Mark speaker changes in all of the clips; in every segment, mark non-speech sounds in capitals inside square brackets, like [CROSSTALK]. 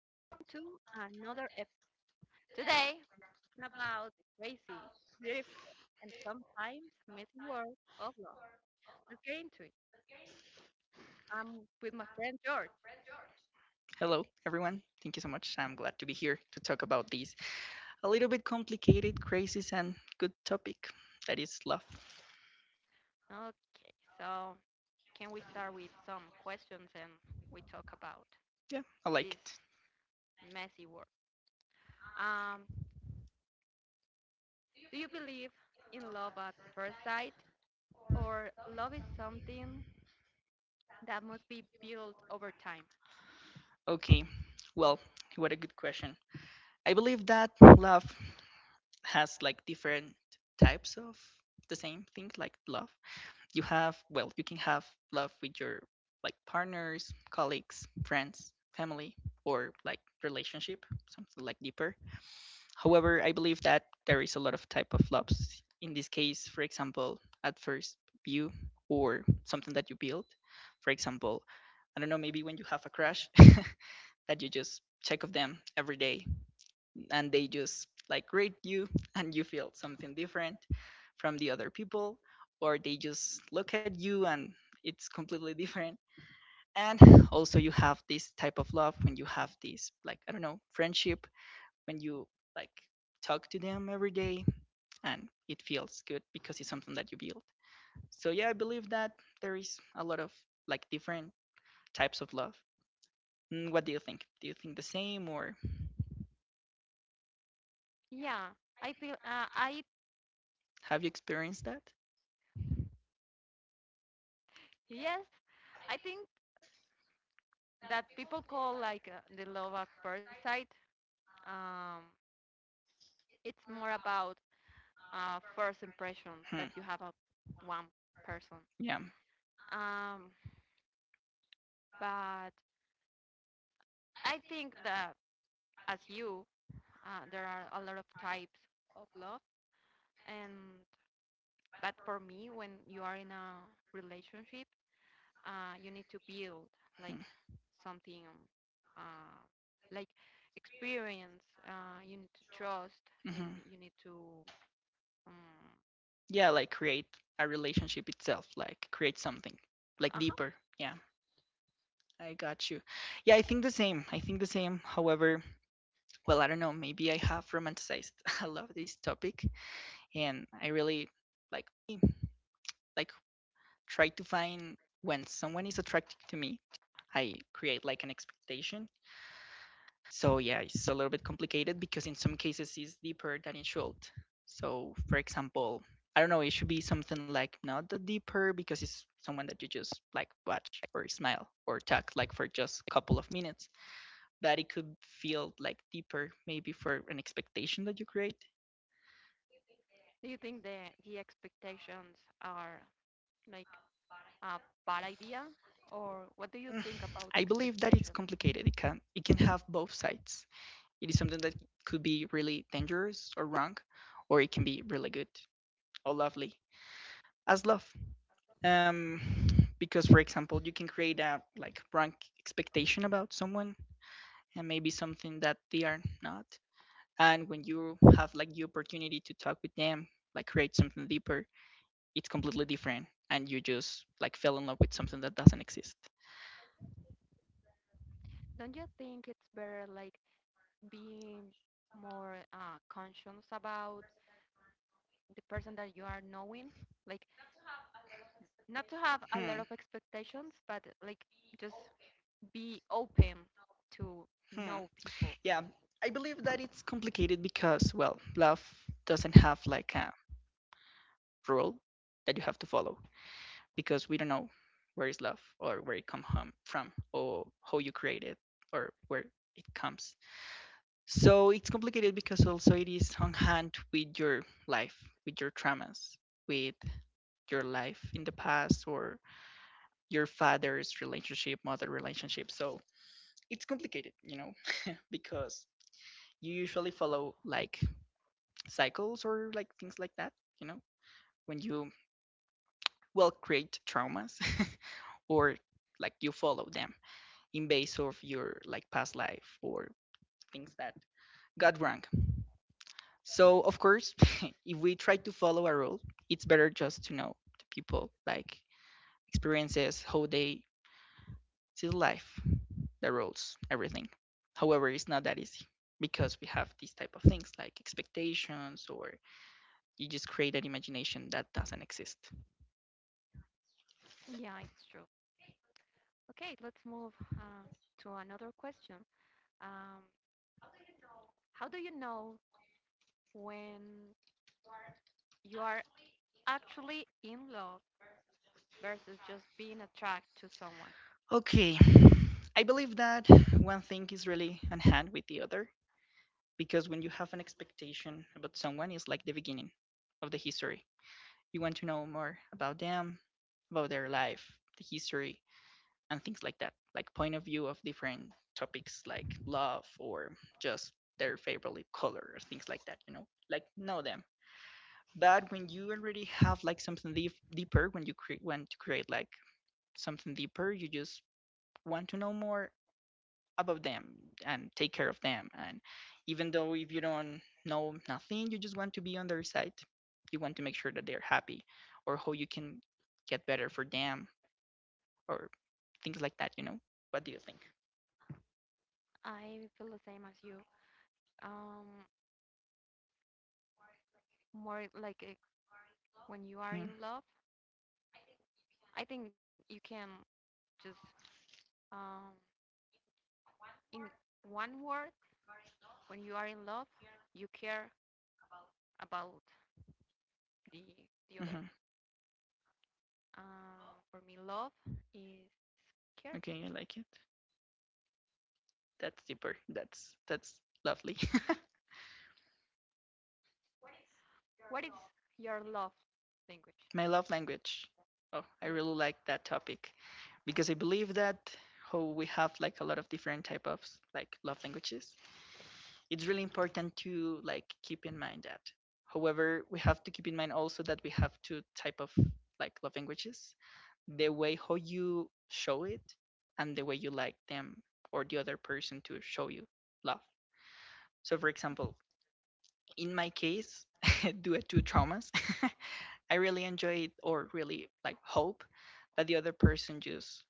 Speaker 1: Welcome to another episode. Today, we're talking about the crazy, beautiful, and sometimes messy world of love. Let's get into it. I'm with my friend George.
Speaker 2: Hello, everyone. Thank you so much. I'm glad to be here to talk about this a little bit complicated, crazy, and good topic that is love.
Speaker 1: Okay, so can we start with some questions and we talk about
Speaker 2: Yeah, I like
Speaker 1: this
Speaker 2: it.
Speaker 1: messy world? Um, do you believe in love at first sight, or love is something that must be built over time?
Speaker 2: Okay, well, what a good question. I believe that love has like different types of the same thing, like love. You have, well, you can have love with your like partners, colleagues, friends, family, or like relationship, something like deeper. However, I believe that there is a lot of type of flops. In this case, for example, at first view or something that you build. For example, I don't know, maybe when you have a crash [LAUGHS] that you just check of them every day, and they just like rate you [LAUGHS] and you feel something different from the other people, or they just look at you and it's completely different. And also you have this type of love when you have this, like, I don't know, friendship, when you like talk to them every day and it feels good because it's something that you build. So yeah, I believe that there is a lot of like different types of love. Mm, what do you think, do you think the same, or
Speaker 1: Yeah, I feel. I
Speaker 2: have you experienced that?
Speaker 1: yes, I think that people call the love at first sight. Um, it's more about first impression
Speaker 2: Hmm.
Speaker 1: that you have of one person.
Speaker 2: Yeah.
Speaker 1: Um, but I think that as you, there are a lot of types of love, and but for me, when you are in a relationship, you need to build
Speaker 2: Hmm.
Speaker 1: like something uh, like experience. You need to trust, and
Speaker 2: Hmm,
Speaker 1: you need to um,
Speaker 2: yeah, like create a relationship itself, like create something like
Speaker 1: uh-huh.
Speaker 2: deeper. Yeah, I got you. Yeah, I think the same, however, well, I don't know, maybe I have romanticized. [LAUGHS] I love this topic, and I really like like try to find when someone is attractive to me, I create like an expectation. So yeah, it's a little bit complicated because in some cases it's deeper than it should. So for example, I don't know, it should be something like not the deeper, because it's someone that you just like watch or smile or talk like for just a couple of minutes, but it could feel like deeper maybe for an expectation that you create.
Speaker 1: Do you think the expectations are like a bad idea, or what do you think about
Speaker 2: [SIGHS] I believe that it's
Speaker 1: expectations?
Speaker 2: complicated. It can have both sides. It is something that could be really dangerous or wrong, or it can be really good or lovely, as love. Um, because for example, you can create a like wrong expectation about someone, and maybe something that they are not. And when you have like the opportunity to talk with them, like create something deeper, it's completely different, and you just like fell in love with something that doesn't exist.
Speaker 1: Don't you think it's better like being more conscious about the person that you are knowing? Like not to have a lot of
Speaker 2: Hmm.
Speaker 1: expectations, but like just be open to know
Speaker 2: Hmm.
Speaker 1: people.
Speaker 2: Yeah, I believe that it's complicated because, well, love doesn't have like a rule that you have to follow, because we don't know where is love, or where it come home from, or how you create it, or where it comes. So it's complicated because also it is on hand with your life, with your traumas, with your life in the past, or your father's relationship, mother relationship. So it's complicated, you know, because you usually follow like cycles or like things like that. You know, when you, well, create traumas [LAUGHS] or like you follow them in base of your like past life or things that got wrong. So of course [LAUGHS] if we try to follow a rule, it's better just to know the people, like experiences, how they see life, the rules, everything. However, it's not that easy because we have these type of things like expectations, or you just create an imagination that doesn't exist.
Speaker 1: Yeah, it's true. Okay, let's move to another question. Um, how do you know when you are actually in love versus just being attracted to someone?
Speaker 2: Okay, I believe that one thing is really on hand with the other, because when you have an expectation about someone, it's like the beginning of the history. You want to know more about them, about their life, the history, and things like that, like point of view of different topics like love, or just their favorite color or things like that. You know, like know them. But when you already have like something deep, deeper, when you want to create like something deeper, you just want to know more about them and take care of them. And even though if you don't know nothing, you just want to be on their side. You want to make sure that they're happy, or how you can get better for them, or things like that, you know? What do you think?
Speaker 1: I feel the same as you. Um, More like when you are in love, I think you can just um, in one word, when you are in love, you care about the the other.
Speaker 2: Mm-hmm.
Speaker 1: For me, love is care.
Speaker 2: Okay, I like it. That's deeper. That's lovely.
Speaker 1: What is your love language?
Speaker 2: [LAUGHS] My love language. Oh, I
Speaker 1: Yes,
Speaker 2: really like that topic, because I believe that how we have like a lot of different type of like love languages, it's really important to like keep in mind that. However, we have to keep in mind also that we have two type of like love languages: the way how you show it, and the way you like them, or the other person, to show you love. So for example, in my case, [LAUGHS] due to traumas, [LAUGHS] I really enjoy it, or really like hope that the other person just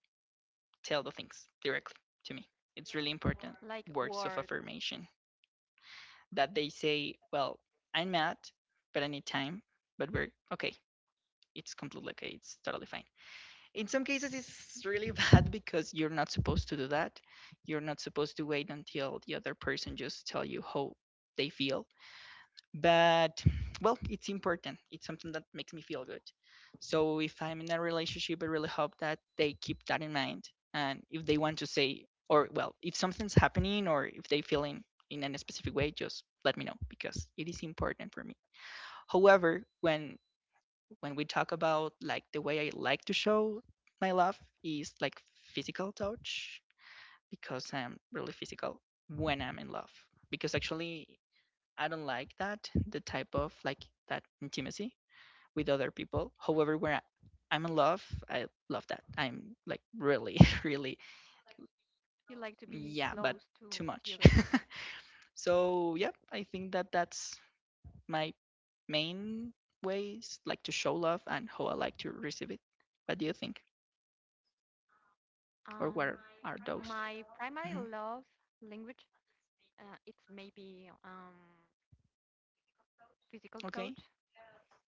Speaker 2: tell the things directly to me. It's really important.
Speaker 1: like
Speaker 2: Words of
Speaker 1: word.
Speaker 2: affirmation, that they say, well, I'm mad, but I need time, but we're okay. It's completely okay. It's totally fine. In some cases, it's really [LAUGHS] bad because you're not supposed to do that. You're not supposed to wait until the other person just tell you how they feel. But well, it's important, it's something that makes me feel good. So if I'm in a relationship, I really hope that they keep that in mind, and if they want to say, or well, if something's happening, or if they feel in a specific way, just let me know, because it is important for me. However, when we talk about like the way I like to show my love, is like physical touch, because I'm really physical when I'm in love. Because actually, I don't like that the type of like that intimacy with other people. However, I'm in love, I love that. I'm like really, [LAUGHS] really,
Speaker 1: You like to be
Speaker 2: yeah,
Speaker 1: close
Speaker 2: but
Speaker 1: to
Speaker 2: too
Speaker 1: the other
Speaker 2: much.
Speaker 1: person.
Speaker 2: [LAUGHS] So yeah, I think that that's my main ways like to show love and how I like to receive it. What do you think, or
Speaker 1: Um,
Speaker 2: what are those?
Speaker 1: my primary
Speaker 2: Mhm.
Speaker 1: love language, it's maybe physical touch,
Speaker 2: Okay.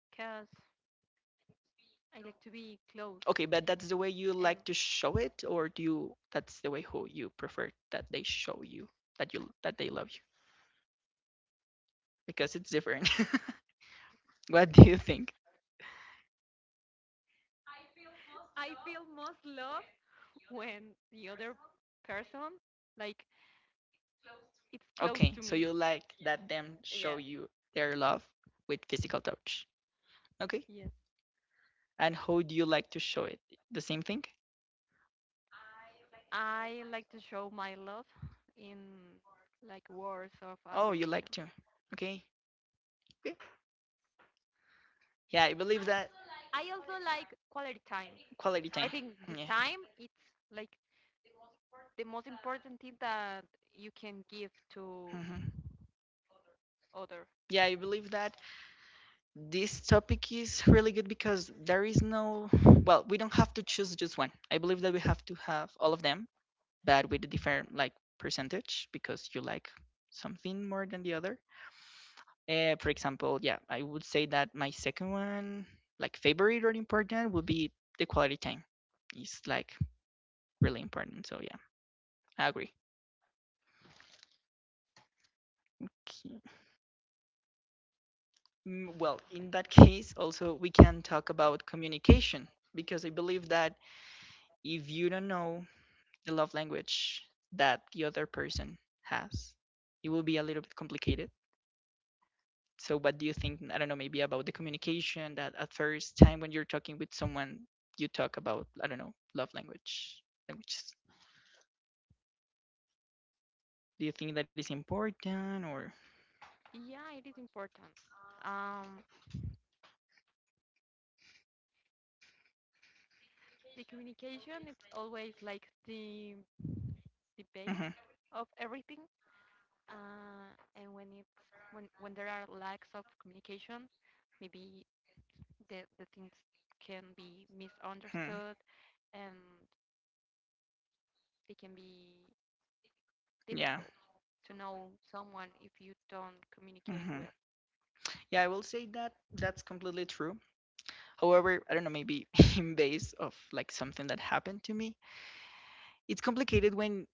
Speaker 1: because I like to be close,
Speaker 2: Okay, but that's the way you
Speaker 1: and
Speaker 2: like to show it, or do you? That's the way who you prefer that they show you, that they love you, because it's different. [LAUGHS] What do you think?
Speaker 1: I feel most love when the other person, like, it's close to
Speaker 2: Okay,
Speaker 1: me.
Speaker 2: so you like that them
Speaker 1: Yes,
Speaker 2: show you their love with physical touch. Okay,
Speaker 1: yes.
Speaker 2: and how do you like to show it? The same thing?
Speaker 1: I like to show my love in like words of
Speaker 2: Oh, you
Speaker 1: affirmation.
Speaker 2: like to. Okay. Okay. Yeah, I believe that.
Speaker 1: I also like quality time.
Speaker 2: Quality
Speaker 1: I
Speaker 2: time.
Speaker 1: think the
Speaker 2: Yeah.
Speaker 1: time it's like the most important thing that you can give to
Speaker 2: Hmm.
Speaker 1: other.
Speaker 2: Yeah, I believe that this topic is really good because there is no, well, we don't have to choose just one. I believe that we have to have all of them, but with a different like percentage, because you like something more than the other. For example, yeah, I would say that my second one, like favorite or important, would be the quality time. It's like really important. So yeah, I agree. Okay. Mm, well, in that case, also we can talk about communication, because I believe that if you don't know the love language that the other person has, it will be a little bit complicated. So, what do you think? I don't know, maybe about the communication, that at first time when you're talking with someone, you talk about, I don't know, love language, languages. Do you think that is important, or?
Speaker 1: Yeah, it is important. Um, the communication it's always like the base
Speaker 2: Mhm.
Speaker 1: of everything. Uh, and when it's when there are lacks of communication, maybe the things can be
Speaker 2: Hmm.
Speaker 1: misunderstood, and it can be
Speaker 2: Yeah.
Speaker 1: difficult to know someone if you don't communicate well.
Speaker 2: Hmm. Yeah, I will say that that's completely true. However, I don't know, maybe [LAUGHS] in base of like something that happened to me, it's complicated when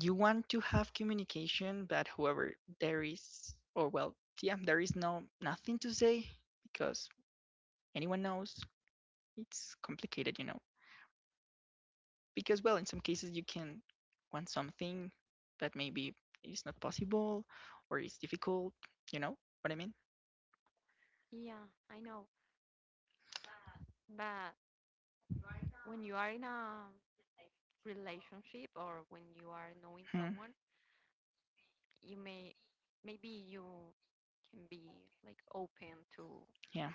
Speaker 2: you want to have communication, but however, there is, or well, yeah, there is no nothing to say, because anyone knows. It's complicated, you know, because well, in some cases you can want something that maybe is not possible, or it's difficult. You know what I mean?
Speaker 1: Yeah, I know, but when you are in a relationship or when you are knowing
Speaker 2: Hmm.
Speaker 1: someone, you may maybe you can be like open
Speaker 2: Yeah,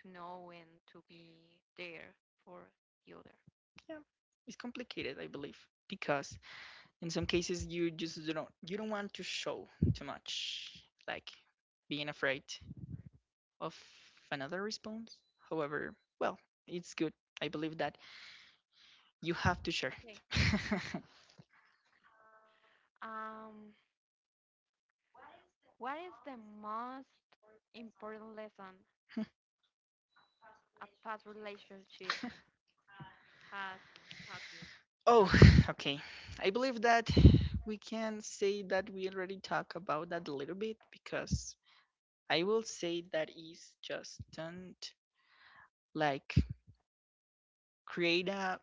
Speaker 1: to know and to be there for the other.
Speaker 2: yeah. It's complicated, I believe, because in some cases you just don't want to show too much, like being afraid of another response. However, well, it's good. I believe that you have to share
Speaker 1: Okay.
Speaker 2: it. [LAUGHS]
Speaker 1: Um, what is the most important lesson a past relationship has taught you?
Speaker 2: Oh, [SIGHS] okay. I believe that we can say that we already talked about that a little bit, because I will say that is just don't like create a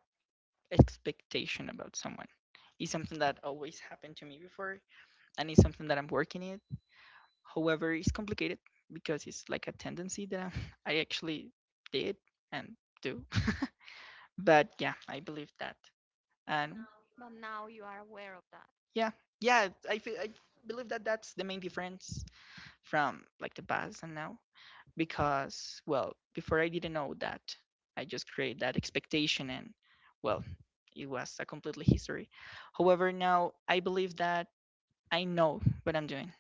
Speaker 2: expectation about someone. It's something that always happened to me before, and it's something that I'm working it. However, it's complicated because it's like a tendency that I'm, [LAUGHS] I actually did and do. [LAUGHS] But yeah, I believe that. And
Speaker 1: But now you are aware of that.
Speaker 2: yeah, yeah. I feel, I believe that that's the main difference from like the past and now, because well, before I didn't know that. I just created that expectation and well, it was a completely history. However, now I believe that I know what I'm doing.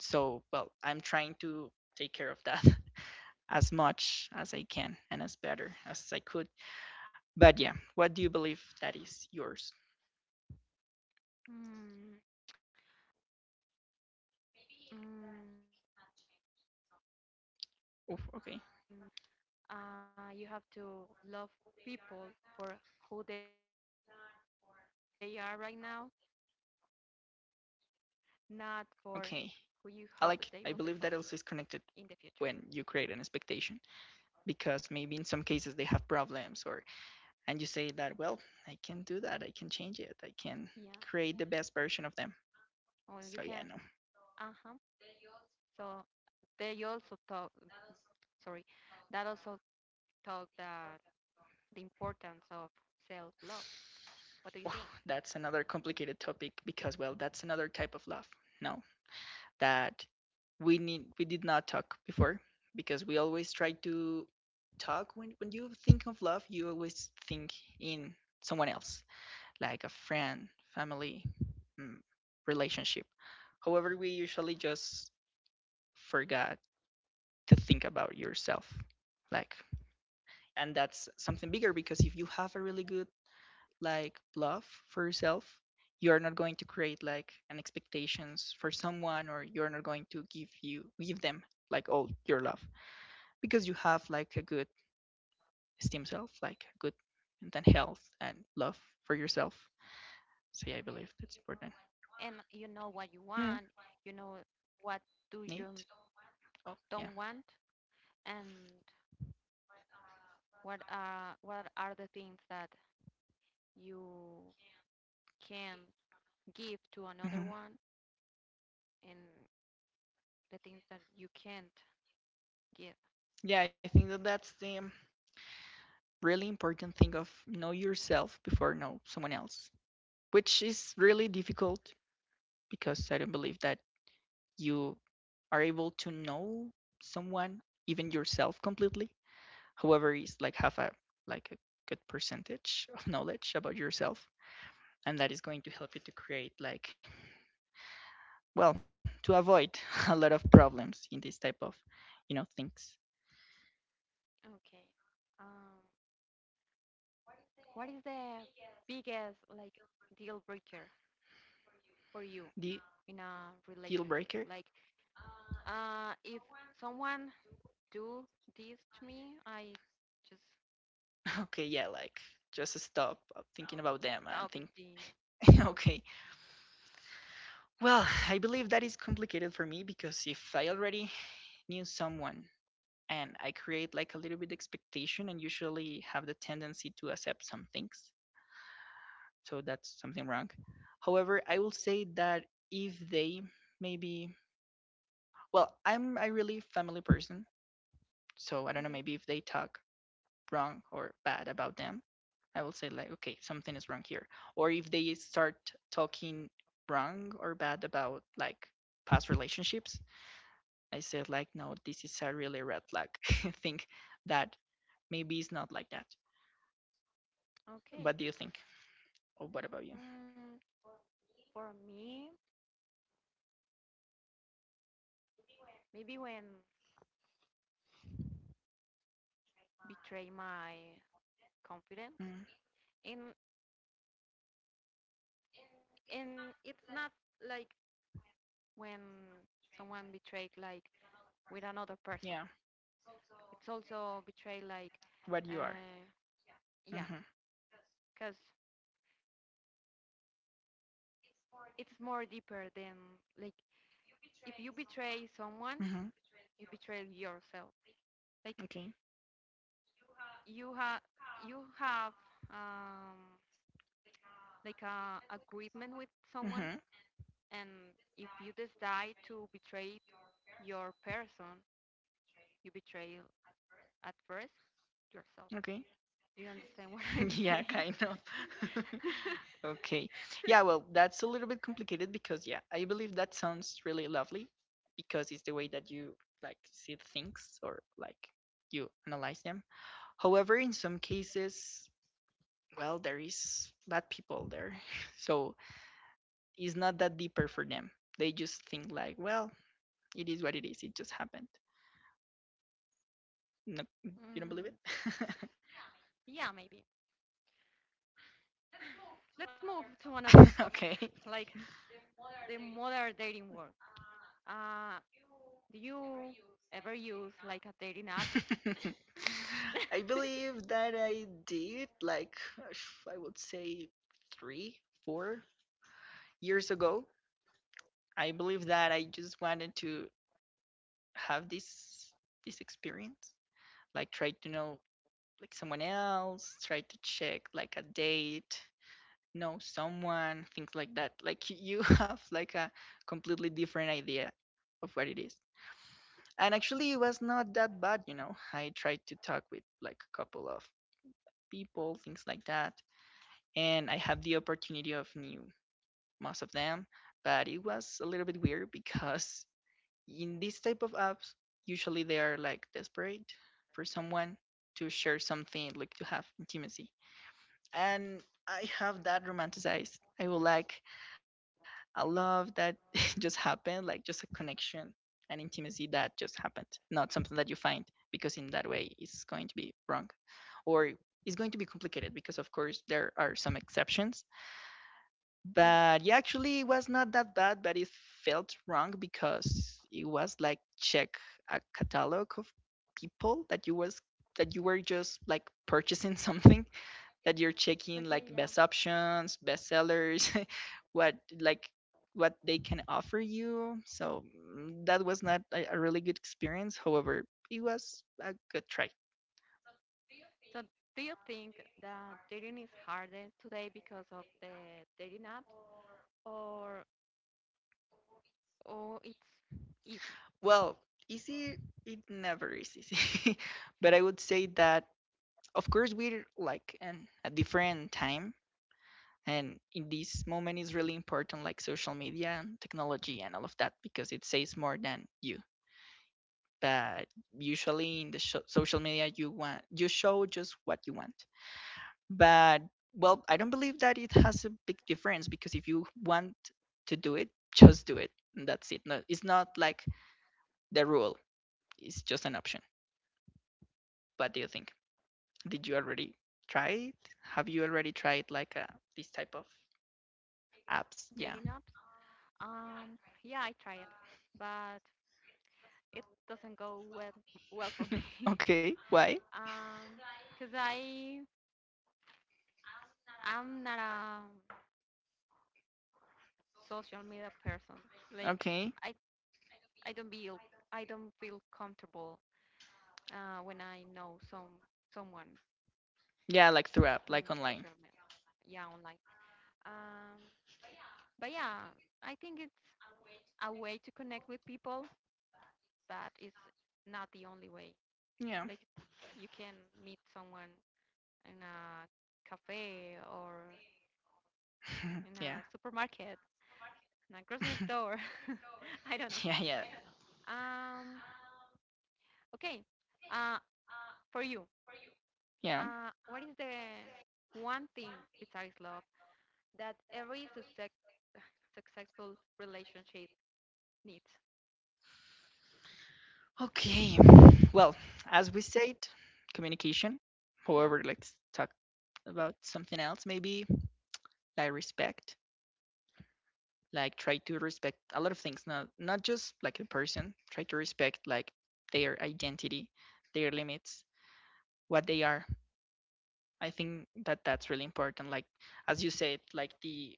Speaker 2: So, well, I'm trying to take care of that [LAUGHS] as much as I can and as better as I could. But yeah, what do you believe that is yours?
Speaker 1: Mm, mm, you cannot change someone.
Speaker 2: Oof, okay.
Speaker 1: You have to love people for who they are right now, not for who you hope they will become in the future.
Speaker 2: Okay. I believe that also is connected when you create an expectation because maybe in some cases they have problems, or and you say that, well, I can do that, I can change it, I can create the
Speaker 1: Or
Speaker 2: best
Speaker 1: you
Speaker 2: version of
Speaker 1: can,
Speaker 2: them. So yeah,
Speaker 1: uh-huh.
Speaker 2: no.
Speaker 1: So they also talk, sorry, that also talk the importance of self-love. What do you think?
Speaker 2: Oh, that's another complicated topic because, well, that's another type of love, no, that we did not talk before, because we always try to talk. When you think of love, you always think in someone else, like a friend, family, mm, relationship. However, we usually just forgot to think about yourself. Like, and that's something bigger, because if you have a really good, like, love for yourself, you are not going to create like an expectations for someone, or you are not going to give them like all your love, because you have like a good esteem self, like good mental health and love for yourself. So yeah, I believe that's
Speaker 1: And
Speaker 2: important.
Speaker 1: you know what you want, you
Speaker 2: Hmm.
Speaker 1: know what do you
Speaker 2: Neat.
Speaker 1: don't
Speaker 2: Yeah.
Speaker 1: want, and what are the things that you can give to another one
Speaker 2: Hmm.
Speaker 1: and the things that you can't give.
Speaker 2: Yeah, I think that that's the really important thing of know yourself before know someone else, which is really difficult because I don't believe that you are able to know someone, even yourself, completely. However, is like have a good percentage [LAUGHS] of knowledge about yourself, and that is going to help you to create, like, well, to avoid [LAUGHS] a lot of problems in this type of things.
Speaker 1: Okay. Um, what is the biggest like deal breaker for you
Speaker 2: The
Speaker 1: in a relationship?
Speaker 2: deal
Speaker 1: Like,
Speaker 2: breaker?
Speaker 1: if someone do this to me, I just
Speaker 2: [LAUGHS] Okay, yeah, like just stop thinking
Speaker 1: stop
Speaker 2: about them and
Speaker 1: the
Speaker 2: think,
Speaker 1: the whole thing.
Speaker 2: [LAUGHS] okay. Well, I believe that is complicated for me because if I already knew someone and I create like a little bit expectation and usually have the tendency to accept some things, so that's something wrong. However, I will say that if they maybe, well, I'm a really family person,
Speaker 1: Okay.
Speaker 2: so I don't know, maybe if they talk wrong or bad about them, I will say like, okay, something is wrong here. Or if they start talking wrong or bad about like past relationships, I said like, no, this is a really red flag. [LAUGHS] I think that maybe it's not like that.
Speaker 1: Okay.
Speaker 2: What do you think? Or what about you?
Speaker 1: Mm, for me, maybe when betray my confidence,
Speaker 2: Mm,
Speaker 1: and it's not like when someone betrayed like with another person.
Speaker 2: yeah,
Speaker 1: It's also betrayed like
Speaker 2: what you are.
Speaker 1: uh, yeah,
Speaker 2: Mm-hmm.
Speaker 1: because it's more deeper than like if you betray someone,
Speaker 2: Mm-hmm.
Speaker 1: you betray yourself. Like
Speaker 2: Okay.
Speaker 1: you have you have um, like a agreement with someone,
Speaker 2: Mm-hmm.
Speaker 1: and if you decide to betray your person, you betray at first yourself.
Speaker 2: Okay.
Speaker 1: Do you understand [LAUGHS] what I'm
Speaker 2: [LAUGHS]
Speaker 1: saying?
Speaker 2: Yeah, kind of. [LAUGHS]
Speaker 1: [LAUGHS]
Speaker 2: Okay. Yeah, well, that's a little bit complicated because yeah, I believe that sounds really lovely because it's the way that you like see things, or like you analyze them. However, in some cases, well, there is bad people there. [LAUGHS] So it's not that deeper for them. They just think like, well, it is what it is. It just happened. No,
Speaker 1: Mm,
Speaker 2: you don't believe it?
Speaker 1: yeah, maybe. Let's move to another
Speaker 2: [LAUGHS]
Speaker 1: topic,
Speaker 2: Okay.
Speaker 1: like the modern dating world. Uh, do you ever use like a dating app?
Speaker 2: [LAUGHS] I believe that I did, like, I would say three, 4 years ago. I believe that I just wanted to have this experience, like try to know like someone else, try to check like a date, know someone, things like that. Like you [LAUGHS] have like a completely different idea of what it is. And actually, it was not that bad. I tried to talk with like a couple of people, things like that. And I had the opportunity of new most of them, but it was a little bit weird because in this type of apps, usually they are like desperate for someone to share something, like to have intimacy. And I have that romanticized. I would like I love that [LAUGHS] it just happened, like just a connection and intimacy that just happened, not something that you find, because in that way it's going to be wrong, or it's going to be complicated because, of course, there are some exceptions,
Speaker 1: Yeah.
Speaker 2: but yeah, actually, it was not that bad, but it felt wrong because it was like check a catalog of people that you was that you were just like purchasing [LAUGHS] something, that you're
Speaker 1: Okay,
Speaker 2: checking
Speaker 1: yeah.
Speaker 2: like best options, best sellers, [LAUGHS] what like what they can offer you. So, that was not a really good experience. However, it was a good try.
Speaker 1: So do you think that dating is harder today because of the dating apps or or it's easy?
Speaker 2: Well, easy, it never is easy, [LAUGHS] but I would say that of course we're like in a different time, and in this moment is really important, like social media and technology and all of that, because it says more than you, but usually in the social media, you show just what you want. But, well, I don't believe that it has a big difference, because if you want to do it, just do it, and that's it. No, it's not like the rule, it's just an option. What do you think? Did you already try it Have you already tried like this type of apps,
Speaker 1: Dating
Speaker 2: yeah?
Speaker 1: apps? Um, yeah, I try it, but it doesn't go well for me. [LAUGHS]
Speaker 2: [LAUGHS] Okay, why?
Speaker 1: Um, 'Cause I'm not a social media person. Like
Speaker 2: Okay.
Speaker 1: I I don't feel comfortable when I know someone
Speaker 2: Yeah, like through
Speaker 1: in
Speaker 2: app, like
Speaker 1: social
Speaker 2: online.
Speaker 1: media, yeah, online. Um, but yeah, I think it's a way to connect with people, but it's not the only way.
Speaker 2: Yeah.
Speaker 1: Like you can meet someone in a cafe or
Speaker 2: [LAUGHS] Yeah.
Speaker 1: in a supermarket,
Speaker 2: [LAUGHS]
Speaker 1: in a grocery store.
Speaker 2: Yeah, yeah.
Speaker 1: [LAUGHS] I don't know. Um, okay. Uh, for you,
Speaker 2: Yeah.
Speaker 1: What is the one thing besides love that [SIGHS] successful relationship needs?
Speaker 2: Okay. [SIGHS] Well, as we said, communication.
Speaker 1: Yeah,
Speaker 2: However, let's talk about something else maybe, like respect. Like try to respect a lot of things, not just like a person. Try to respect like their identity, their limits, what they are. I think that that's really important. Like as you said, like the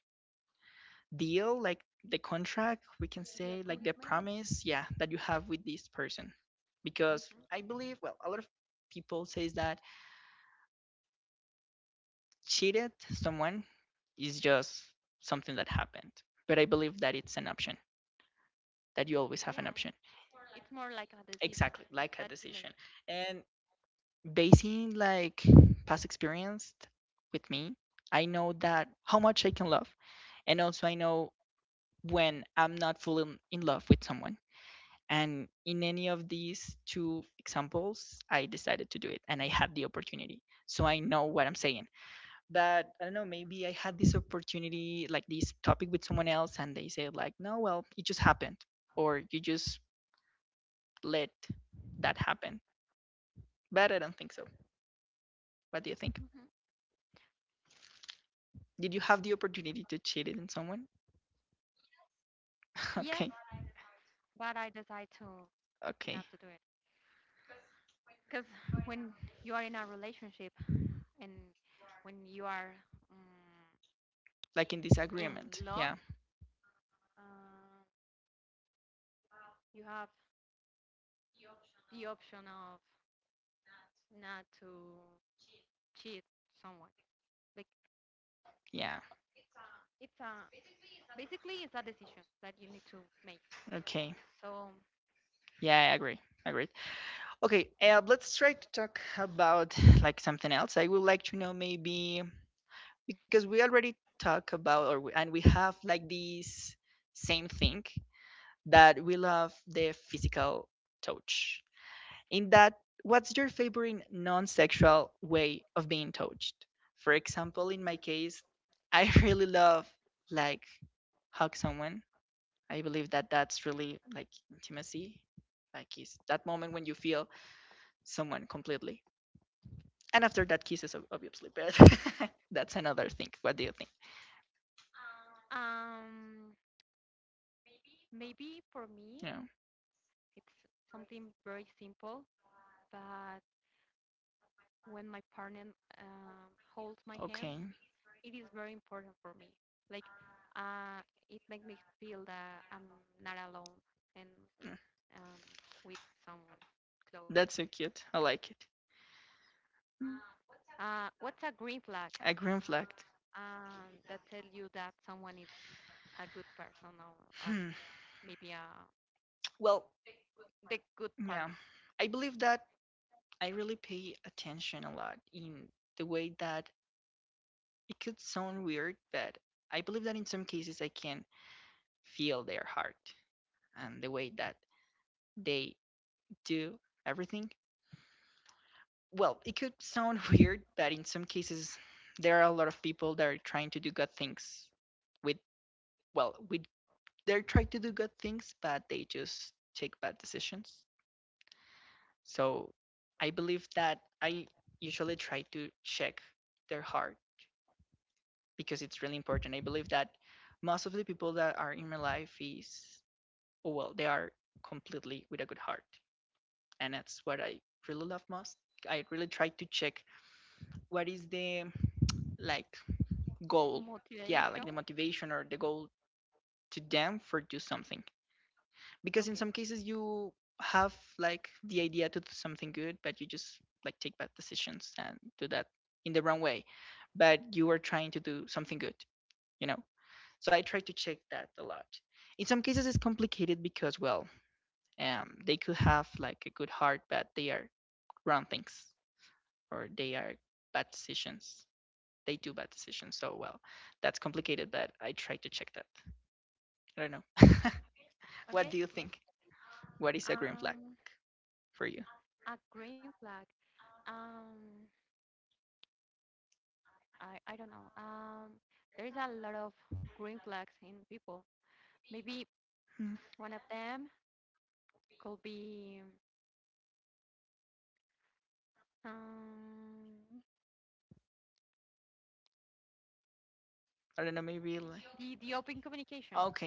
Speaker 2: deal, like the contract, we can
Speaker 1: the
Speaker 2: say like the
Speaker 1: agreement.
Speaker 2: promise, yeah, that you have with this person. Because
Speaker 1: Hmm.
Speaker 2: I believe, well, a lot of people says that cheated someone is just something that happened. But I believe that it's an option, that you always have
Speaker 1: Yeah,
Speaker 2: an
Speaker 1: it-
Speaker 2: option.
Speaker 1: it's more like a decision
Speaker 2: Exactly,
Speaker 1: that
Speaker 2: like a
Speaker 1: you make.
Speaker 2: decision. And basing like past experience with me, I know that how much I can love. And also I know when I'm not fully in love with someone. And in any of these two examples, I decided to do it and I had the opportunity. So I know what I'm saying. But I don't know, maybe I had this opportunity, like this topic with someone else, and they said, like, no, well, it just happened. Or you just let that happen. But I don't think so. What do you think?
Speaker 1: Hmm.
Speaker 2: Did you have the opportunity to cheat it on someone?
Speaker 1: Yes,
Speaker 2: [LAUGHS] Okay.
Speaker 1: but I decide to not to do it
Speaker 2: Okay.
Speaker 1: because [SIGHS] when you are in a relationship and when you are um,
Speaker 2: Like in
Speaker 1: in
Speaker 2: disagreement.
Speaker 1: love,
Speaker 2: Yeah.
Speaker 1: uh, you have the option of not to cheat someone. Like
Speaker 2: Yeah.
Speaker 1: it's a basically it's a decision that you need to make.
Speaker 2: Okay.
Speaker 1: So
Speaker 2: Yeah, I agree. I agree. Okay, let's try to talk about, like, something else. I would like to know, maybe because we already talk about, and we have like this same thing that we love the physical touch. In that, what's your favorite non-sexual way of being touched? For example, in my case, I [LAUGHS] really love, like, hug someone. I believe that that's really like intimacy. Like is that moment when you feel someone completely. And after that kisses, obviously, but [LAUGHS] that's another thing. What do you think?
Speaker 1: um, maybe for me
Speaker 2: Yeah.
Speaker 1: it's something very simple, but when my partner um, holds my hand,
Speaker 2: Okay.
Speaker 1: it is very important for me. Like uh, it makes me feel that I'm not alone and
Speaker 2: Mm.
Speaker 1: um, with someone close.
Speaker 2: That's so cute, I like it. Mm.
Speaker 1: What's a green flag
Speaker 2: A green flag.
Speaker 1: that tells you that someone is a good person or a,
Speaker 2: Hmm.
Speaker 1: maybe a
Speaker 2: Well,
Speaker 1: the good partner.
Speaker 2: yeah, I believe that I really pay attention a lot in the way that, it could sound weird, but I believe that in some cases I can feel their heart and the way that they do everything. Well, it could sound [LAUGHS] weird, but in some cases, there are a lot of people that are trying to do good things with, well, with they're trying to do good things, but they just take bad decisions. So I believe that I usually try to check their heart because it's really important. I believe that most of the people that are in my life is, oh well, they are completely with a good heart. And that's what I really love most. I really try to check what is the, like, goal. Yeah,
Speaker 1: Motivation.
Speaker 2: like the motivation or the goal to them for do something, because
Speaker 1: Okay.
Speaker 2: in some cases you have like the idea to do something good, but you just like take bad decisions and do that in the wrong way. But you are trying to do something good you know so I try to check that a lot. In some cases it's complicated, because, well, they could have like a good heart, but they are wrong things, or they are bad decisions, they do bad decisions. So, well, that's complicated, but I try to check that. I don't know.
Speaker 1: Okay.
Speaker 2: What do you
Speaker 1: Yeah.
Speaker 2: think? What is a green flag
Speaker 1: Um,
Speaker 2: for you?
Speaker 1: a green flag. Um, I don't know. There is a lot of green flags in people. Maybe
Speaker 2: Mm.
Speaker 1: one of them could be um
Speaker 2: I don't know. Maybe like.
Speaker 1: the open communication.
Speaker 2: Okay.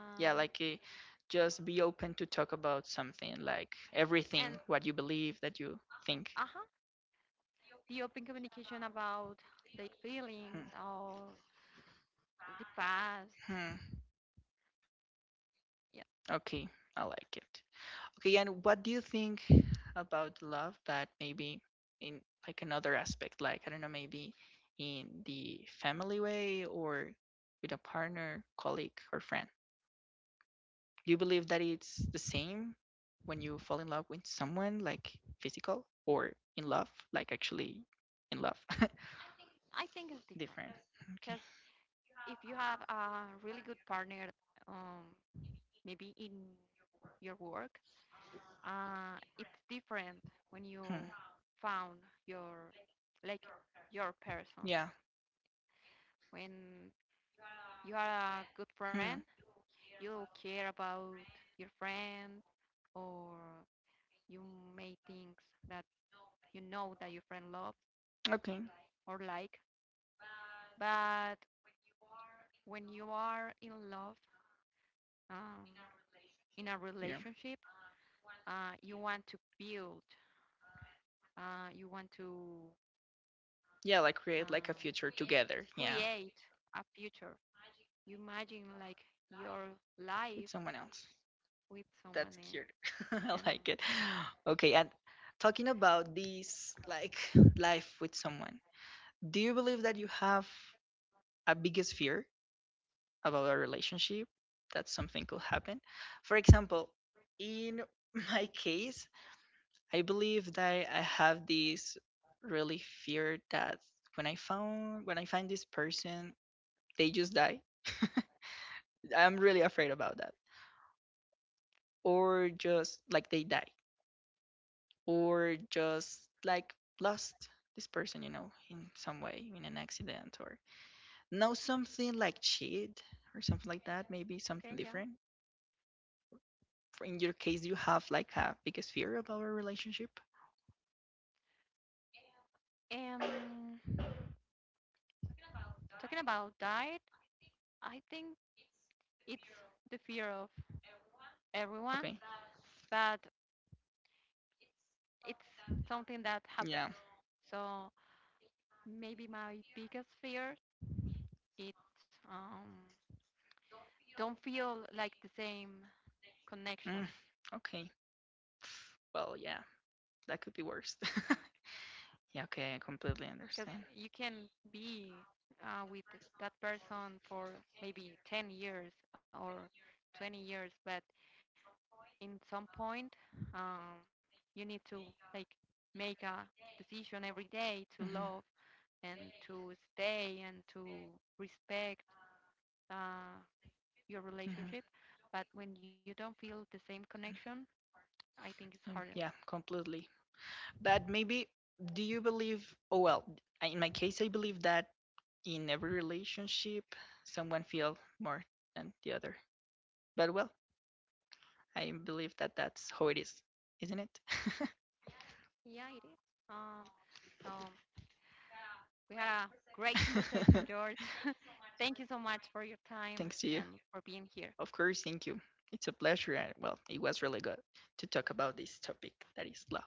Speaker 2: Yeah, like just be open to talk about something, like everything,
Speaker 1: and
Speaker 2: what you believe, that you think.
Speaker 1: uh-huh, the open communication about their
Speaker 2: Hmm.
Speaker 1: feelings or the past.
Speaker 2: Hmm.
Speaker 1: Yeah,
Speaker 2: Okay, I like it. Okay, and what do you think about love, but maybe in, like, another aspect, like I don't know, maybe in the family way, or with a partner, colleague, or friend? Do you believe that it's the same when you fall in love with someone, like physical or in love, like actually in love?
Speaker 1: I think it's
Speaker 2: [LAUGHS]
Speaker 1: different
Speaker 2: Different.
Speaker 1: because
Speaker 2: Okay.
Speaker 1: if you have a really good partner, um, maybe in your work, it's different when you
Speaker 2: Hmm.
Speaker 1: found your like your person.
Speaker 2: Yeah.
Speaker 1: When you are a good friend,
Speaker 2: Hmm.
Speaker 1: you care about your friend, or you may things that you know that your friend loves
Speaker 2: Okay.
Speaker 1: or like. But when you are in love, um, in a relationship,
Speaker 2: Yeah.
Speaker 1: you want to build you want to
Speaker 2: Yeah, like
Speaker 1: um,
Speaker 2: create like a future together.
Speaker 1: create
Speaker 2: Yeah,
Speaker 1: a future. You imagine like your life
Speaker 2: with someone else.
Speaker 1: with someone else.
Speaker 2: That's cute.
Speaker 1: And
Speaker 2: [LAUGHS] I like it. Okay, and talking about this, like, life with someone. Do you believe that you have a biggest fear about our relationship, that something could happen? For example, in [LAUGHS] my case, I believe that I have this really fear that when I find this person, they just die. [LAUGHS] I'm really afraid about that. Or just like they die. Or just like lost this person, in some way, in an accident or know something like cheat or something like that,
Speaker 1: okay,
Speaker 2: maybe
Speaker 1: yeah.
Speaker 2: something different. In your case, do you have like a biggest fear about our relationship?
Speaker 1: Um, Talking about diet, I think it's the fear of everyone,
Speaker 2: Okay.
Speaker 1: but it's something that happens.
Speaker 2: Yeah.
Speaker 1: So maybe my biggest fear is um, don't feel like the same connection
Speaker 2: Mm, okay. Well, yeah, that could be worse. [LAUGHS] Yeah, okay, I completely
Speaker 1: because
Speaker 2: understand.
Speaker 1: you can be with that person for maybe 10 years or 20 years, but in some point um, you need to like make a decision every day to love
Speaker 2: Hmm.
Speaker 1: and to stay and to respect uh, your relationship,
Speaker 2: Hmm.
Speaker 1: but when you don't feel the same connection, I think it's harder.
Speaker 2: Yeah, completely. But maybe, do you believe? Oh, well, in my case, I believe that in every relationship, someone feel more than the other. But well, I believe that that's how it is, isn't it?
Speaker 1: Yeah, it is. Um, so we had a great conversation,
Speaker 2: [LAUGHS]
Speaker 1: George. [LAUGHS] Thank you so much for your time
Speaker 2: Thanks to
Speaker 1: and
Speaker 2: you.
Speaker 1: for being here.
Speaker 2: Of course, thank you. It's a pleasure. And well, it was really good to talk about this topic that is love.